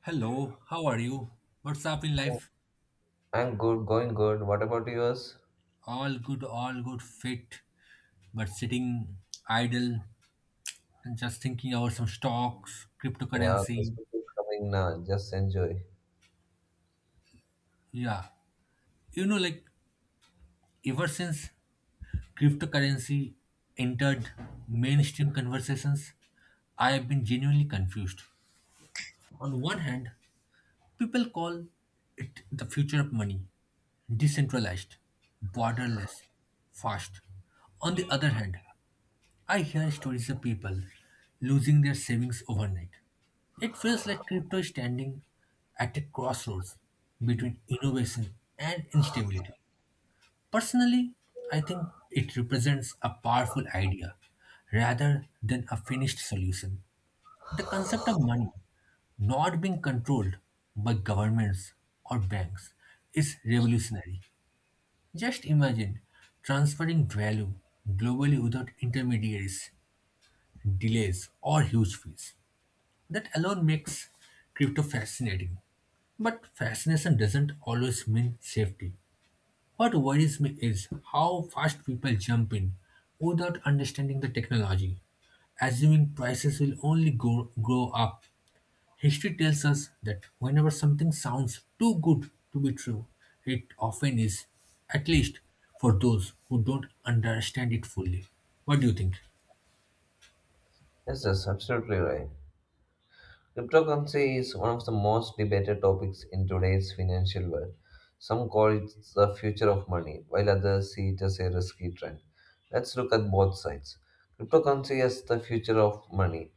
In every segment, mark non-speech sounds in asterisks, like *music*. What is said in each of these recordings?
Hello, how are you? What's up in life? I'm good, going good. What about yours? All good, fit, but sitting idle and just thinking about some stocks, Yeah, cryptocurrency. Christmas is coming now. Just enjoy. Yeah, like ever since cryptocurrency entered mainstream conversations, I have been genuinely confused. On one hand, people call it the future of money, decentralized, borderless, fast. On the other hand, I hear stories of people losing their savings overnight. It feels like crypto is standing at a crossroads between innovation and instability. Personally, I think it represents a powerful idea rather than a finished solution. The concept of money not being controlled by governments or banks is revolutionary. Just imagine transferring value globally without intermediaries delays, or huge fees. That alone makes crypto fascinating. But fascination doesn't always mean safety. What worries me is how fast people jump in without understanding the technology, assuming prices will only grow up. History tells us that whenever something sounds too good to be true, it often is, at least for those who don't understand it fully. What do you think? Yes, that's absolutely right. Cryptocurrency is one of the most debated topics in today's financial world. Some call it the future of money, while others see it as a risky trend. Let's look at both sides. Cryptocurrency as the future of money.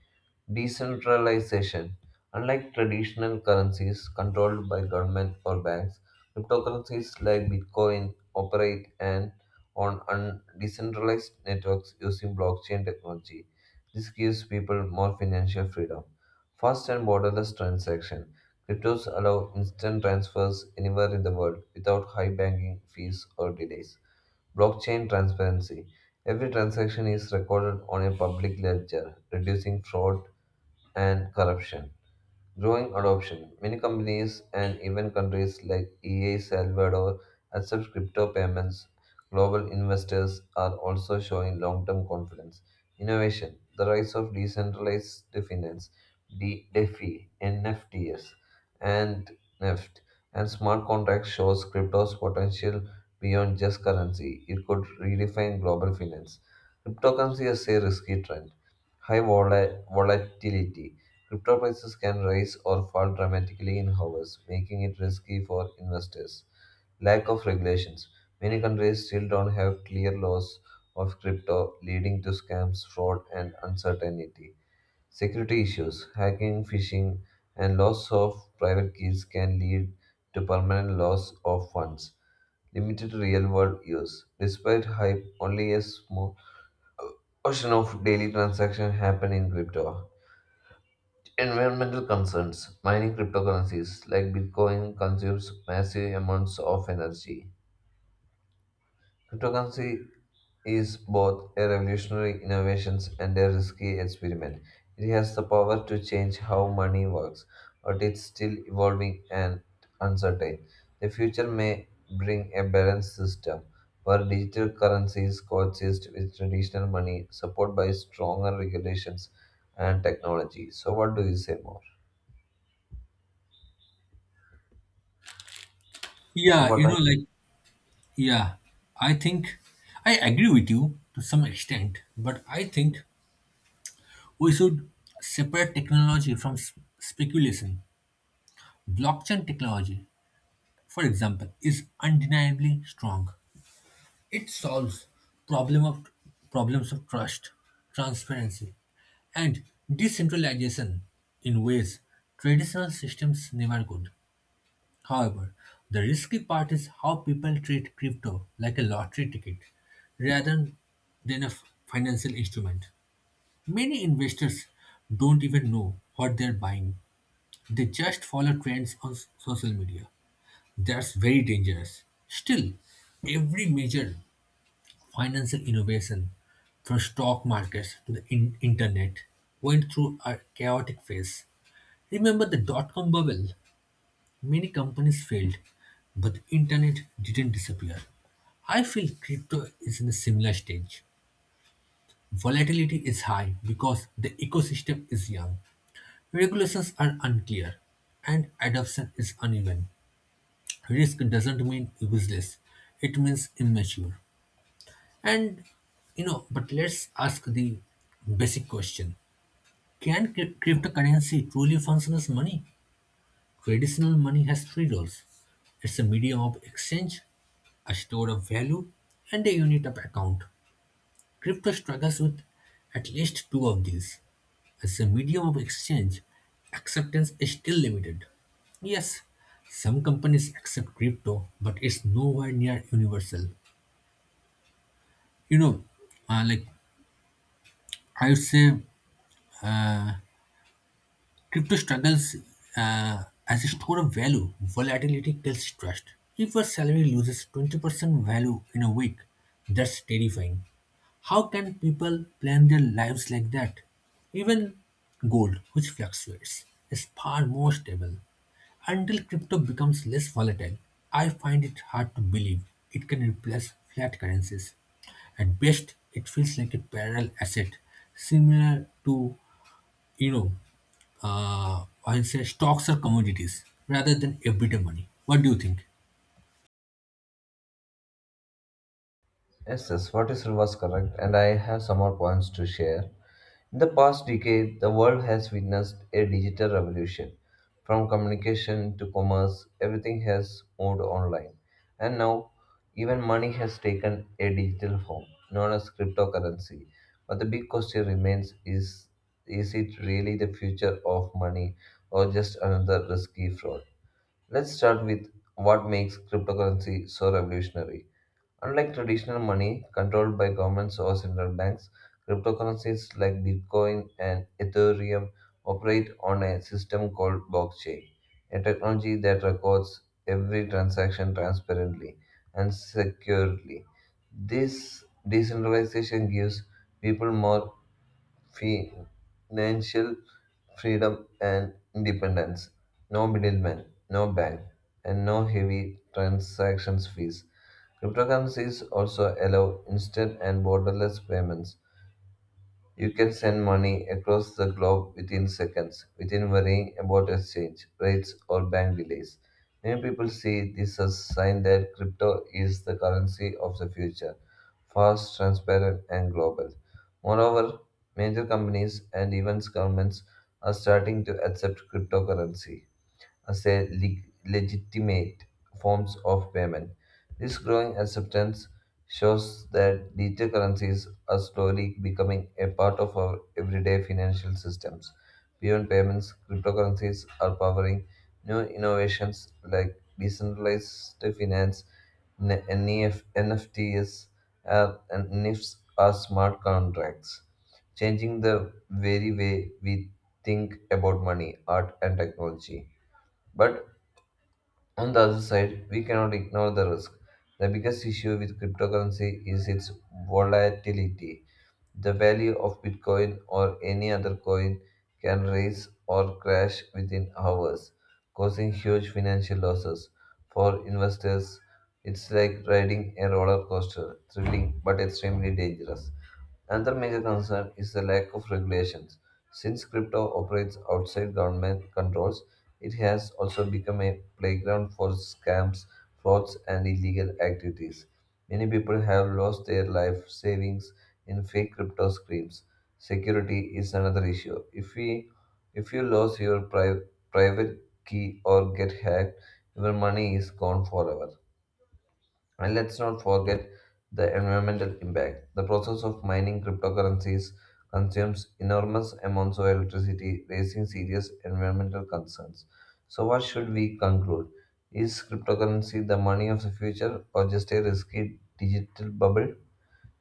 Decentralization. Unlike traditional currencies controlled by government or banks, cryptocurrencies like Bitcoin operate and on decentralized networks using blockchain technology. This gives people more financial freedom. Fast and borderless transaction. Cryptos allow instant transfers anywhere in the world without high banking fees or delays. Blockchain transparency. Every transaction is recorded on a public ledger, reducing fraud and corruption. Growing adoption. Many companies and even countries like EA Salvador accept crypto payments. Global investors are also showing long term confidence. Innovation. The rise of decentralized finance, DeFi, NFTs, and NEFT, and smart contracts shows crypto's potential beyond just currency. It could redefine global finance. Cryptocurrency is a risky trend. High volatility. Crypto prices can rise or fall dramatically in hours, making it risky for investors. Lack of regulations. Many countries still don't have clear laws of crypto, leading to scams, fraud, and uncertainty. Security issues. Hacking, phishing, and loss of private keys can lead to permanent loss of funds. Limited real world use. Despite hype, only a small portion of daily transactions happen in crypto. Environmental concerns. Mining cryptocurrencies like Bitcoin consumes massive amounts of energy. Cryptocurrency is both a revolutionary innovation and a risky experiment. It has the power to change how money works, but it's still evolving and uncertain. The future may bring a balanced system where digital currencies coexist with traditional money, supported by stronger regulations and technology. So, what do you say more? So, Yeah, what you know, like Yeah, I think I agree with you to some extent, but I think we should separate technology from speculation. Blockchain technology, for example, is undeniably strong. It solves problem of problems of trust, transparency, and decentralization in ways traditional systems never could. However, the risky part is how people treat crypto like a lottery ticket rather than a financial instrument. Many investors don't even know what they're buying, they just follow trends on social media. That's very dangerous. Still, every major financial innovation, from stock markets to the internet, went through a chaotic phase. Remember the dot-com bubble? Many companies failed, but the internet didn't disappear. I feel crypto is in a similar stage. Volatility is high because the ecosystem is young. Regulations are unclear and adoption is uneven. Risk doesn't mean useless, it means immature. And but let's ask the basic question. Can cryptocurrency truly function as money? Traditional money has three roles. It's a medium of exchange, a store of value, and a unit of account. Crypto struggles with at least two of these. As a medium of exchange, acceptance is still limited. Yes, some companies accept crypto, but it's nowhere near universal. You know, uh, like I would say crypto struggles as a store of value. Volatility kills trust. If your salary loses 20% value in a week, that's terrifying. How can people plan their lives like that? Even gold, which fluctuates, is far more stable. Until crypto becomes less volatile, I find it hard to believe it can replace fiat currencies. At best, it feels like a parallel asset, similar to you know, I say stocks are commodities rather than everyday money. What do you think? Yes, yes, what you said was correct, and I have some more points to share. In the past decade, the world has witnessed a digital revolution. From communication to commerce, everything has moved online. And now, even money has taken a digital form, known as cryptocurrency. But the big question remains, is it really the future of money or just another risky fraud? Let's start with what makes cryptocurrency so revolutionary. Unlike traditional money controlled by governments or central banks, cryptocurrencies like Bitcoin and Ethereum operate on a system called blockchain, a technology that records every transaction transparently and securely. This decentralization gives people more financial freedom and independence. No middleman, no bank, and no heavy transactions fees. Cryptocurrencies also allow instant and borderless payments, you can send money across the globe within seconds, within worrying about exchange rates or bank delays. Many people see this as a sign that crypto is the currency of the future, fast, transparent, and global. Moreover, major companies and even governments are starting to accept cryptocurrency as a leg- legitimate forms of payment. This growing acceptance shows that digital currencies are slowly becoming a part of our everyday financial systems. Beyond payments, cryptocurrencies are powering new innovations like decentralized finance, NEF, NFTs, and NIFs are smart contracts, changing the very way we think about money, art, and technology. But on the other side, we cannot ignore the risk. The biggest issue with cryptocurrency is its volatility. The value of Bitcoin or any other coin can rise or crash within hours, causing huge financial losses. For investors, it's like riding a roller coaster, thrilling but extremely dangerous. Another major concern is the lack of regulations. Since crypto operates outside government controls, it has also become a playground for scams, frauds, and illegal activities. Many people have lost their life savings in fake crypto screams. Security is another issue. If you lose your private key or get hacked, your money is gone forever. And let's not forget the environmental impact. The process of mining cryptocurrencies consumes enormous amounts of electricity, raising serious environmental concerns. So, what should we conclude? Is cryptocurrency the money of the future or just a risky digital bubble?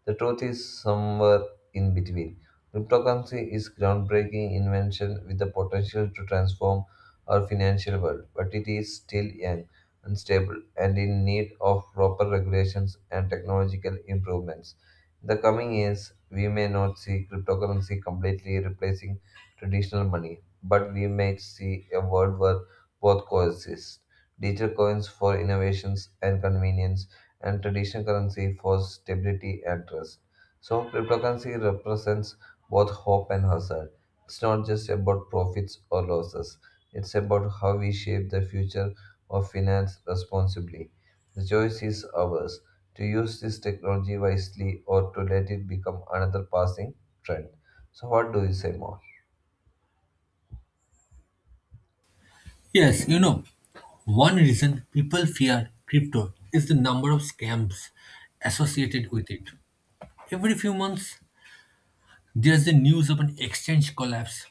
The truth is somewhere in between. Cryptocurrency is groundbreaking invention with the potential to transform our financial world, but it is still young, unstable, and in need of proper regulations and technological improvements. In the coming years, we may not see cryptocurrency completely replacing traditional money, but we may see a world where both coexist. Digital coins for innovations and convenience and traditional currency for stability and trust. So, cryptocurrency represents both hope and hazard. It's not just about profits or losses, it's about how we shape the future of finance responsibly. The choice is ours to use this technology wisely or to let it become another passing trend. So, what do you say more? Yes, one reason people fear crypto is the number of scams associated with it. Every few months, there's the news of an exchange collapse,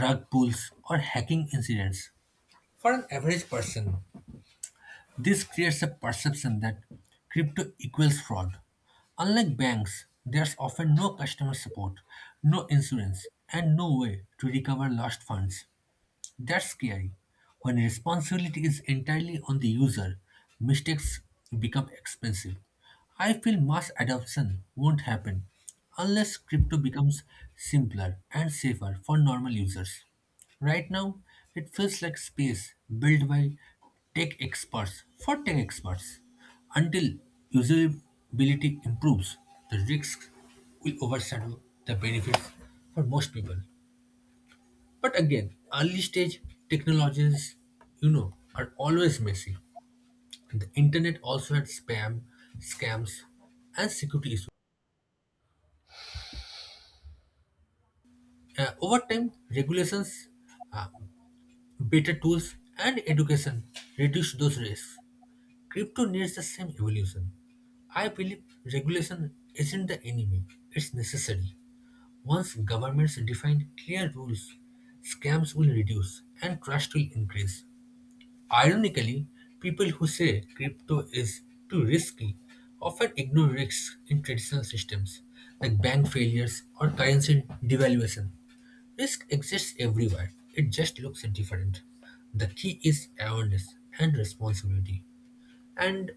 rug pulls, or hacking incidents. For an average person, this creates a perception that crypto equals fraud. Unlike banks, there's often no customer support, no insurance, and no way to recover lost funds. That's scary. When responsibility is entirely on the user, mistakes become expensive. I feel mass adoption won't happen unless crypto becomes simpler and safer for normal users. Right now, it feels like space built by tech experts for tech experts. Until usability improves, the risks will overshadow the benefits for most people. But again, early stage technologies are always messy. The internet also had spam, scams, and security issues. Over time, regulations, uh, better tools, and education reduced those risks. Crypto needs the same evolution. I believe regulation isn't the enemy, it's necessary. Once governments define clear rules, scams will reduce and trust will increase. Ironically, people who say crypto is too risky often ignore risks in traditional systems like bank failures or currency devaluation. Risk exists everywhere, it just looks different. The key is awareness and responsibility. And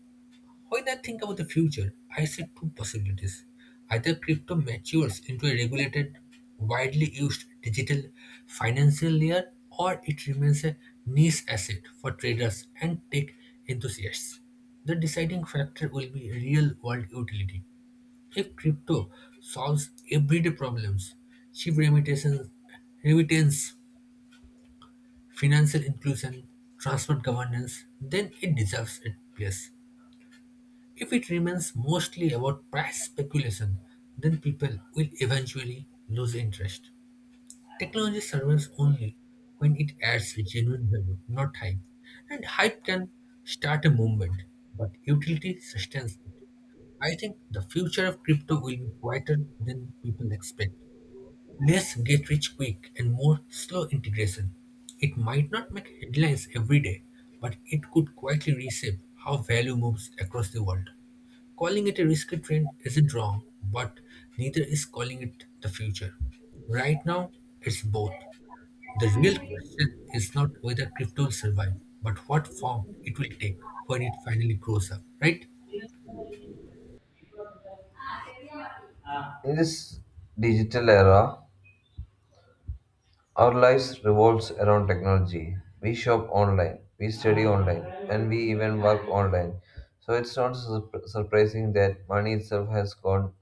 when I think about the future, I see two possibilities. Either crypto matures into a regulated, widely used digital financial layer, or it remains a niche asset for traders and tech enthusiasts. The deciding factor will be real world utility. If crypto solves everyday problems, cheap remittance, financial inclusion, transparent governance, then it deserves a place. If it remains mostly about price speculation, then people will eventually lose interest. Technology survives only when it adds genuine value, not hype. And hype can start a movement, but utility sustains it. I think the future of crypto will be quieter than people expect. Less get rich quick and more slow integration. It might not make headlines every day, but it could quietly reshape how value moves across the world. Calling it a risky trend isn't wrong, but neither is calling it the future. Right now, it's both. The real question is not whether crypto will survive, but what form it will take when it finally grows up, right? In this digital era, our lives revolves around technology. We shop online, we study online, and we even work online. So it's not surprising that money itself has gone.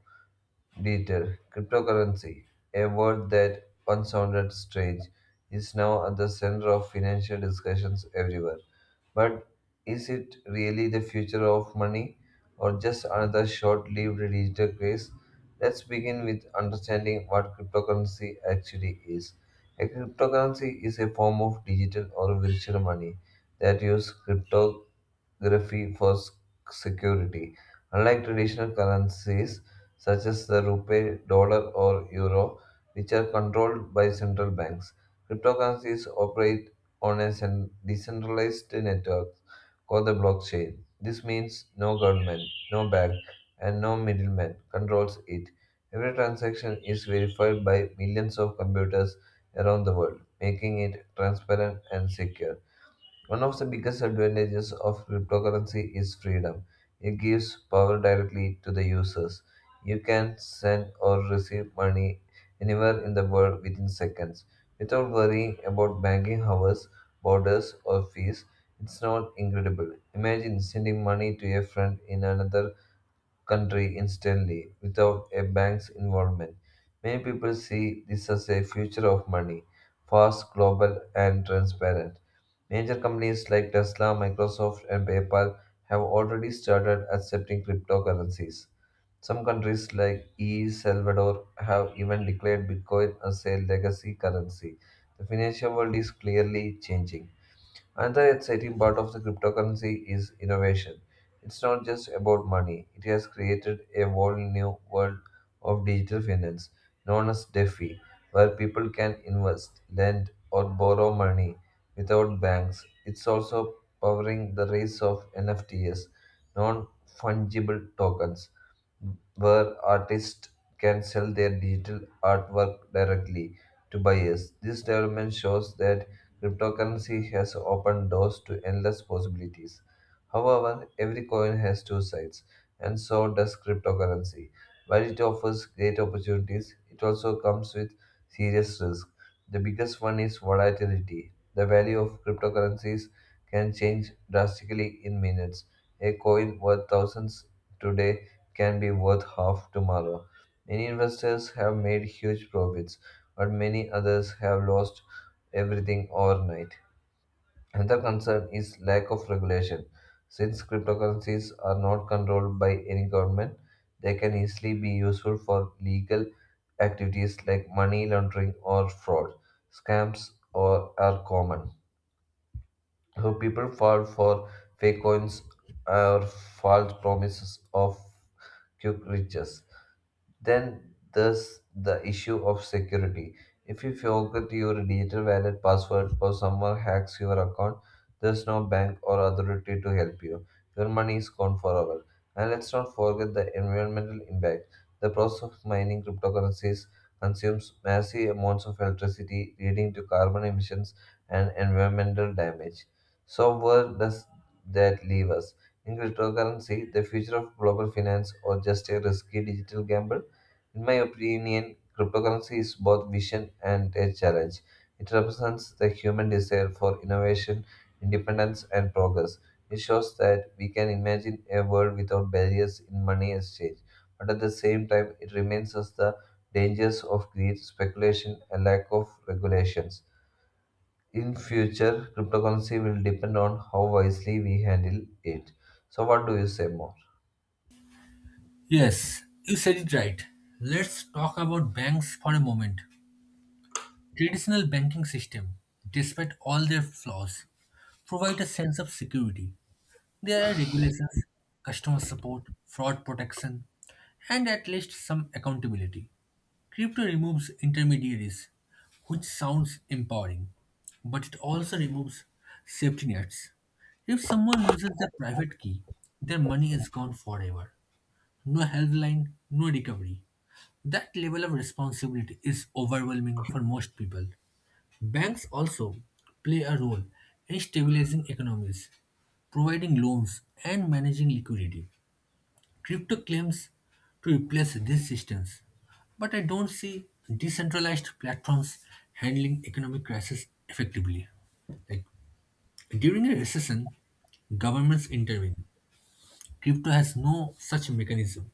Later, cryptocurrency, a word that once sounded strange, is now at the center of financial discussions everywhere. But is it really the future of money or just another short lived digital craze? Let's begin with understanding what cryptocurrency actually is. A cryptocurrency is a form of digital or virtual money that uses cryptography for security. Unlike traditional currencies, such as the rupee, dollar, or euro, which are controlled by central banks. Cryptocurrencies operate on a decentralized network called the blockchain. This means no government, no bank, and no middleman controls it. Every transaction is verified by millions of computers around the world, making it transparent and secure. One of the biggest advantages of cryptocurrency is freedom. It gives power directly to the users. You can send or receive money anywhere in the world within seconds without worrying about banking hours, borders, or fees. It's not incredible. Imagine sending money to a friend in another country instantly without a bank's involvement. Many people see this as a future of money, fast, global, and transparent. Major companies like Tesla, Microsoft, and PayPal have already started accepting cryptocurrencies. Some countries like El Salvador have even declared Bitcoin as a legacy currency. The financial world is clearly changing. Another exciting part of the cryptocurrency is innovation. It's not just about money. It has created a whole new world of digital finance known as DeFi, where people can invest, lend, or borrow money without banks. It's also powering the rise of NFTs, non fungible tokens, where artists can sell their digital artwork directly to buyers. This development shows that cryptocurrency has opened doors to endless possibilities. However, every coin has two sides, and so does cryptocurrency. While it offers great opportunities, it also comes with serious risks. The biggest one is volatility. The value of cryptocurrencies can change drastically in minutes. A coin worth thousands today can be worth half tomorrow. Many investors have made huge profits, but many others have lost everything overnight. Another concern is lack of regulation. Since cryptocurrencies are not controlled by any government, they can easily be useful for legal activities like money laundering or fraud. Scams or are common. So people fall for fake coins or false promises of quick riches. Then there's the issue of security. If you forget your digital wallet password or someone hacks your account, there's no bank or authority to help you. Your money is gone forever. And let's not forget the environmental impact. The process of mining cryptocurrencies consumes massive amounts of electricity, leading to carbon emissions and environmental damage. So, where does that leave us? In cryptocurrency, the future of global finance, or just a risky digital gamble? In my opinion, cryptocurrency is both vision and a challenge. It represents the human desire for innovation, independence, and progress. It shows that we can imagine a world without barriers in money exchange, but at the same time, it reminds us the dangers of greed, speculation, and lack of regulations. In future, cryptocurrency will depend on how wisely we handle it. So, what do you say more? Yes, you said it right. Let's talk about banks for a moment. Traditional banking system, despite all their flaws, provide a sense of security. There are regulations, customer support, fraud protection, and at least some accountability. Crypto removes intermediaries, which sounds empowering, but it also removes safety nets. If someone loses their private key, their money is gone forever. No helpline, no recovery. That level of responsibility is overwhelming for most people. Banks also play a role in stabilizing economies, providing loans, and managing liquidity. Crypto claims to replace these systems, but I don't see decentralized platforms handling economic crisis effectively. Like during a recession, governments intervene. Crypto has no such mechanism.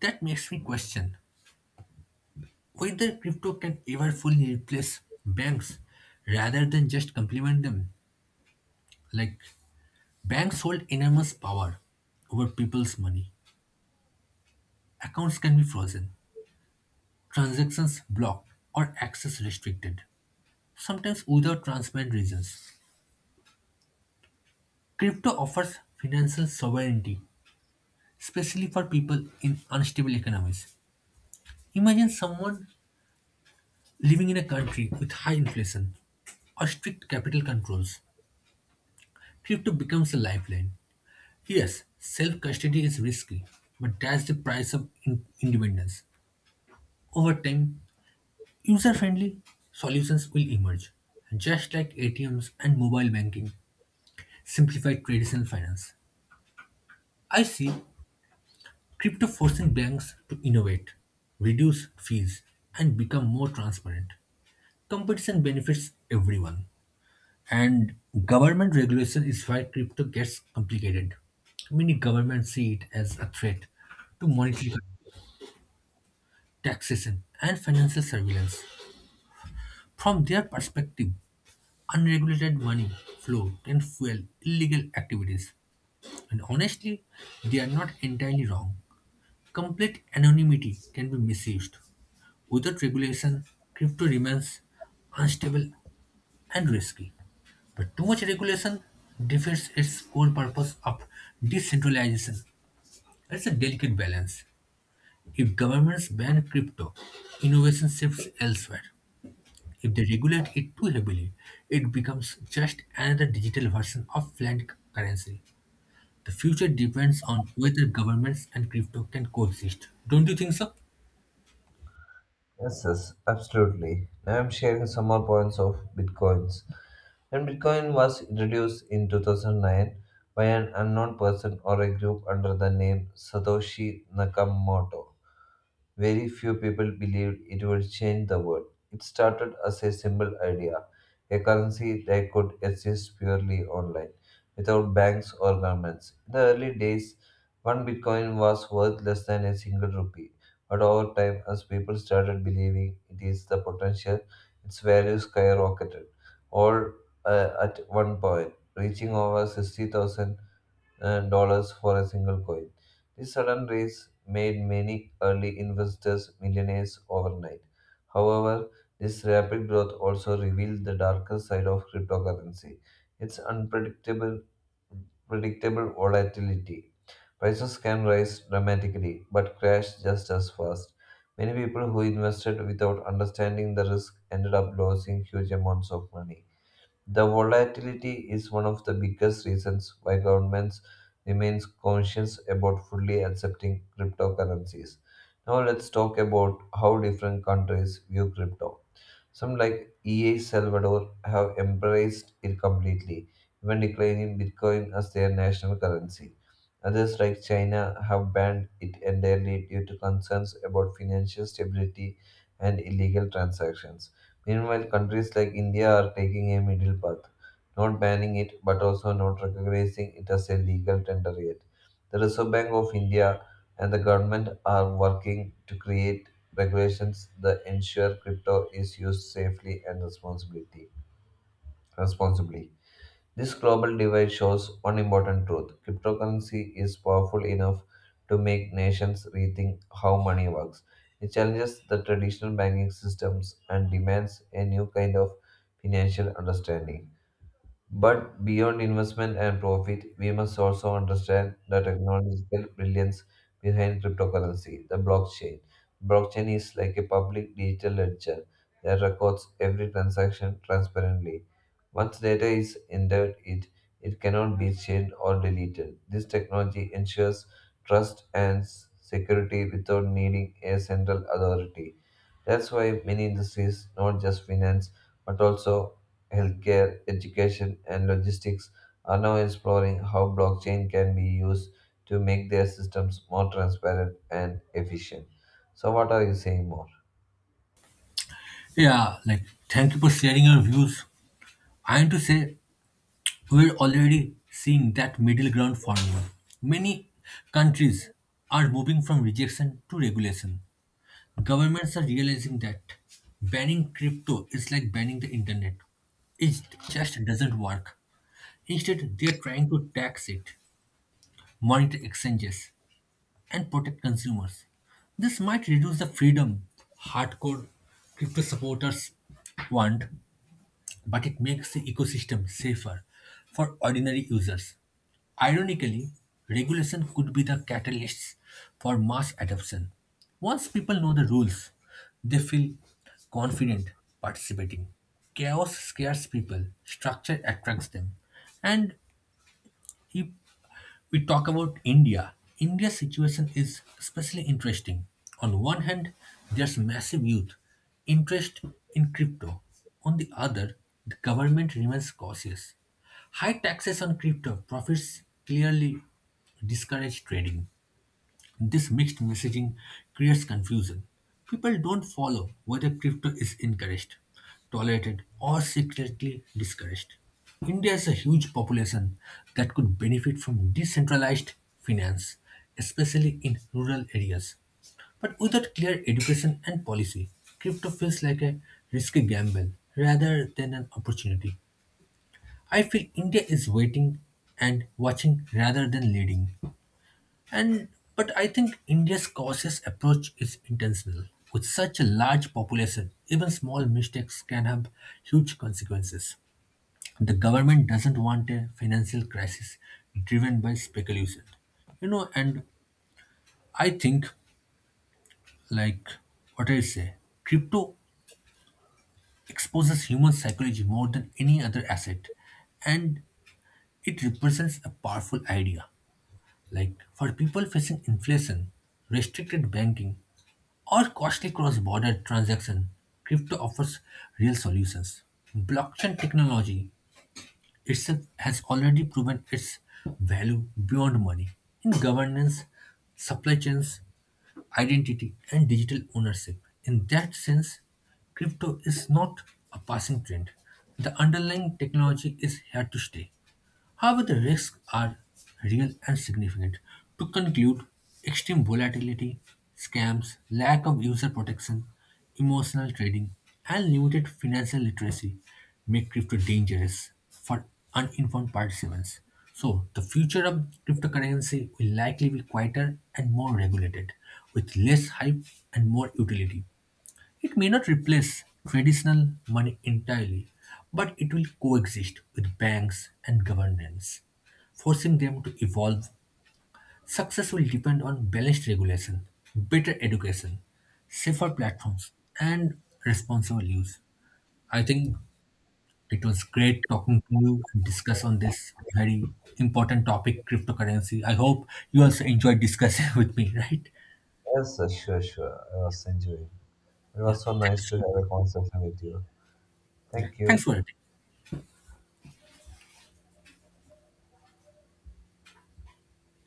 That makes me question whether crypto can ever fully replace banks rather than just complement them. Like banks hold enormous power over people's money. Accounts can be frozen, transactions blocked, or access restricted, sometimes without transparent reasons. Crypto offers financial sovereignty, especially for people in unstable economies. Imagine someone living in a country with high inflation or strict capital controls. Crypto becomes a lifeline. Yes, self custody is risky, but that's the price of independence. Over time, user friendly solutions will emerge, just like ATMs and mobile banking simplify traditional finance. I see crypto forcing banks to innovate, reduce fees, and become more transparent. Competition benefits everyone. And government regulation is why crypto gets complicated. Many governments see it as a threat to monetary taxation and financial surveillance. From their perspective, unregulated money flow can fuel illegal activities. And honestly, they are not entirely wrong. Complete anonymity can be misused. Without regulation, crypto remains unstable and risky. But too much regulation defeats its core purpose of decentralization. It's a delicate balance. If governments ban crypto, innovation shifts elsewhere. If they regulate it too heavily, it becomes just another digital version of fiat currency. The future depends on whether governments and crypto can coexist. Don't you think so? Yes, yes, absolutely. Now I'm sharing some more points of bitcoins. When Bitcoin was introduced in 2009 by an unknown person or a group under the name Satoshi Nakamoto, very few people believed it would change the world. It started as a simple idea, a currency that could exist purely online, without banks or governments. In the early days, one bitcoin was worth less than a single rupee, but over time, as people started believing it is the potential, its value skyrocketed, all at one point, reaching over 60,000 and dollars for a single coin. This sudden rise made many early investors millionaires overnight. However, this rapid growth also revealed the darker side of cryptocurrency. Its unpredictable predictable volatility. Prices can rise dramatically but crash just as fast. Many people who invested without understanding the risk ended up losing huge amounts of money. The volatility is one of the biggest reasons why governments remains conscious about fully accepting cryptocurrencies. Now let's talk about how different countries view crypto. Some, like EA Salvador, have embraced it completely, even declaring Bitcoin as their national currency. Others, like China, have banned it entirely due to concerns about financial stability and illegal transactions. Meanwhile, countries like India are taking a middle path, not banning it but also not recognizing it as a legal tender yet. The Reserve Bank of India and the government are working to create regulations that ensure crypto is used safely and responsibility. Responsibly. This global divide shows one important truth. Cryptocurrency is powerful enough to make nations rethink how money works. It challenges the traditional banking systems and demands a new kind of financial understanding. But beyond investment and profit, we must also understand the technological brilliance behind cryptocurrency, the blockchain. Blockchain is like a public digital ledger that records every transaction transparently. Once data is entered, it cannot be changed or deleted. This technology ensures trust and security without needing a central authority. That's why many industries, not just finance, but also healthcare, education, and logistics, are now exploring how blockchain can be used to make their systems more transparent and efficient. So, what are you saying more? Yeah, like thank you for sharing your views. I am to say we're already seeing that middle ground formula. Many countries are moving from rejection to regulation. Governments are realizing that banning crypto is like banning the internet. It just doesn't work. Instead, they are trying to tax it, monitor exchanges, and protect consumers. This might reduce the freedom hardcore crypto supporters want, but it makes the ecosystem safer for ordinary users. Ironically, regulation could be the catalyst for mass adoption. Once people know the rules, they feel confident participating. Chaos scares people, structure attracts them. And if we talk about India, India's situation is especially interesting. On one hand, there's massive youth interest in crypto. On the other, the government remains cautious. High taxes on crypto profits clearly discourage trading. This mixed messaging creates confusion. People don't follow whether crypto is encouraged, tolerated, or secretly discouraged. India is a huge population that could benefit from decentralized finance, especially in rural areas. But without clear education and policy, crypto feels like a risky gamble rather than an opportunity. I feel India is waiting and watching rather than leading. And but I think India's cautious approach is intentional. With such a large population, even small mistakes can have huge consequences. The government doesn't want a financial crisis driven by speculation. You know, and I think, like what I say, crypto exposes human psychology more than any other asset, and it represents a powerful idea. Like for people facing inflation, restricted banking, or costly cross-border transaction, crypto offers real solutions. Blockchain technology itself has already proven its value beyond money in governance, supply chains, identity, and digital ownership. In that sense, crypto is not a passing trend. The underlying technology is here to stay. However, the risks are real and significant. To conclude, extreme volatility, scams, lack of user protection, emotional trading, and limited financial literacy make crypto dangerous for uninformed participants. So, the future of cryptocurrency will likely be quieter and more regulated, with less hype and more utility. It may not replace traditional money entirely, but it will coexist with banks and governments, forcing them to evolve. Success will depend on balanced regulation, better education, safer platforms, and responsible use. I think it was great talking to you and discuss on this very important topic, cryptocurrency. I hope you also enjoyed discussing *laughs* with me, right? Yes, sir, sure, sure. I was enjoying. It Yeah. was so Thank you nice to so much. have a conversation with you. Yeah. Thank Thanks you. for it.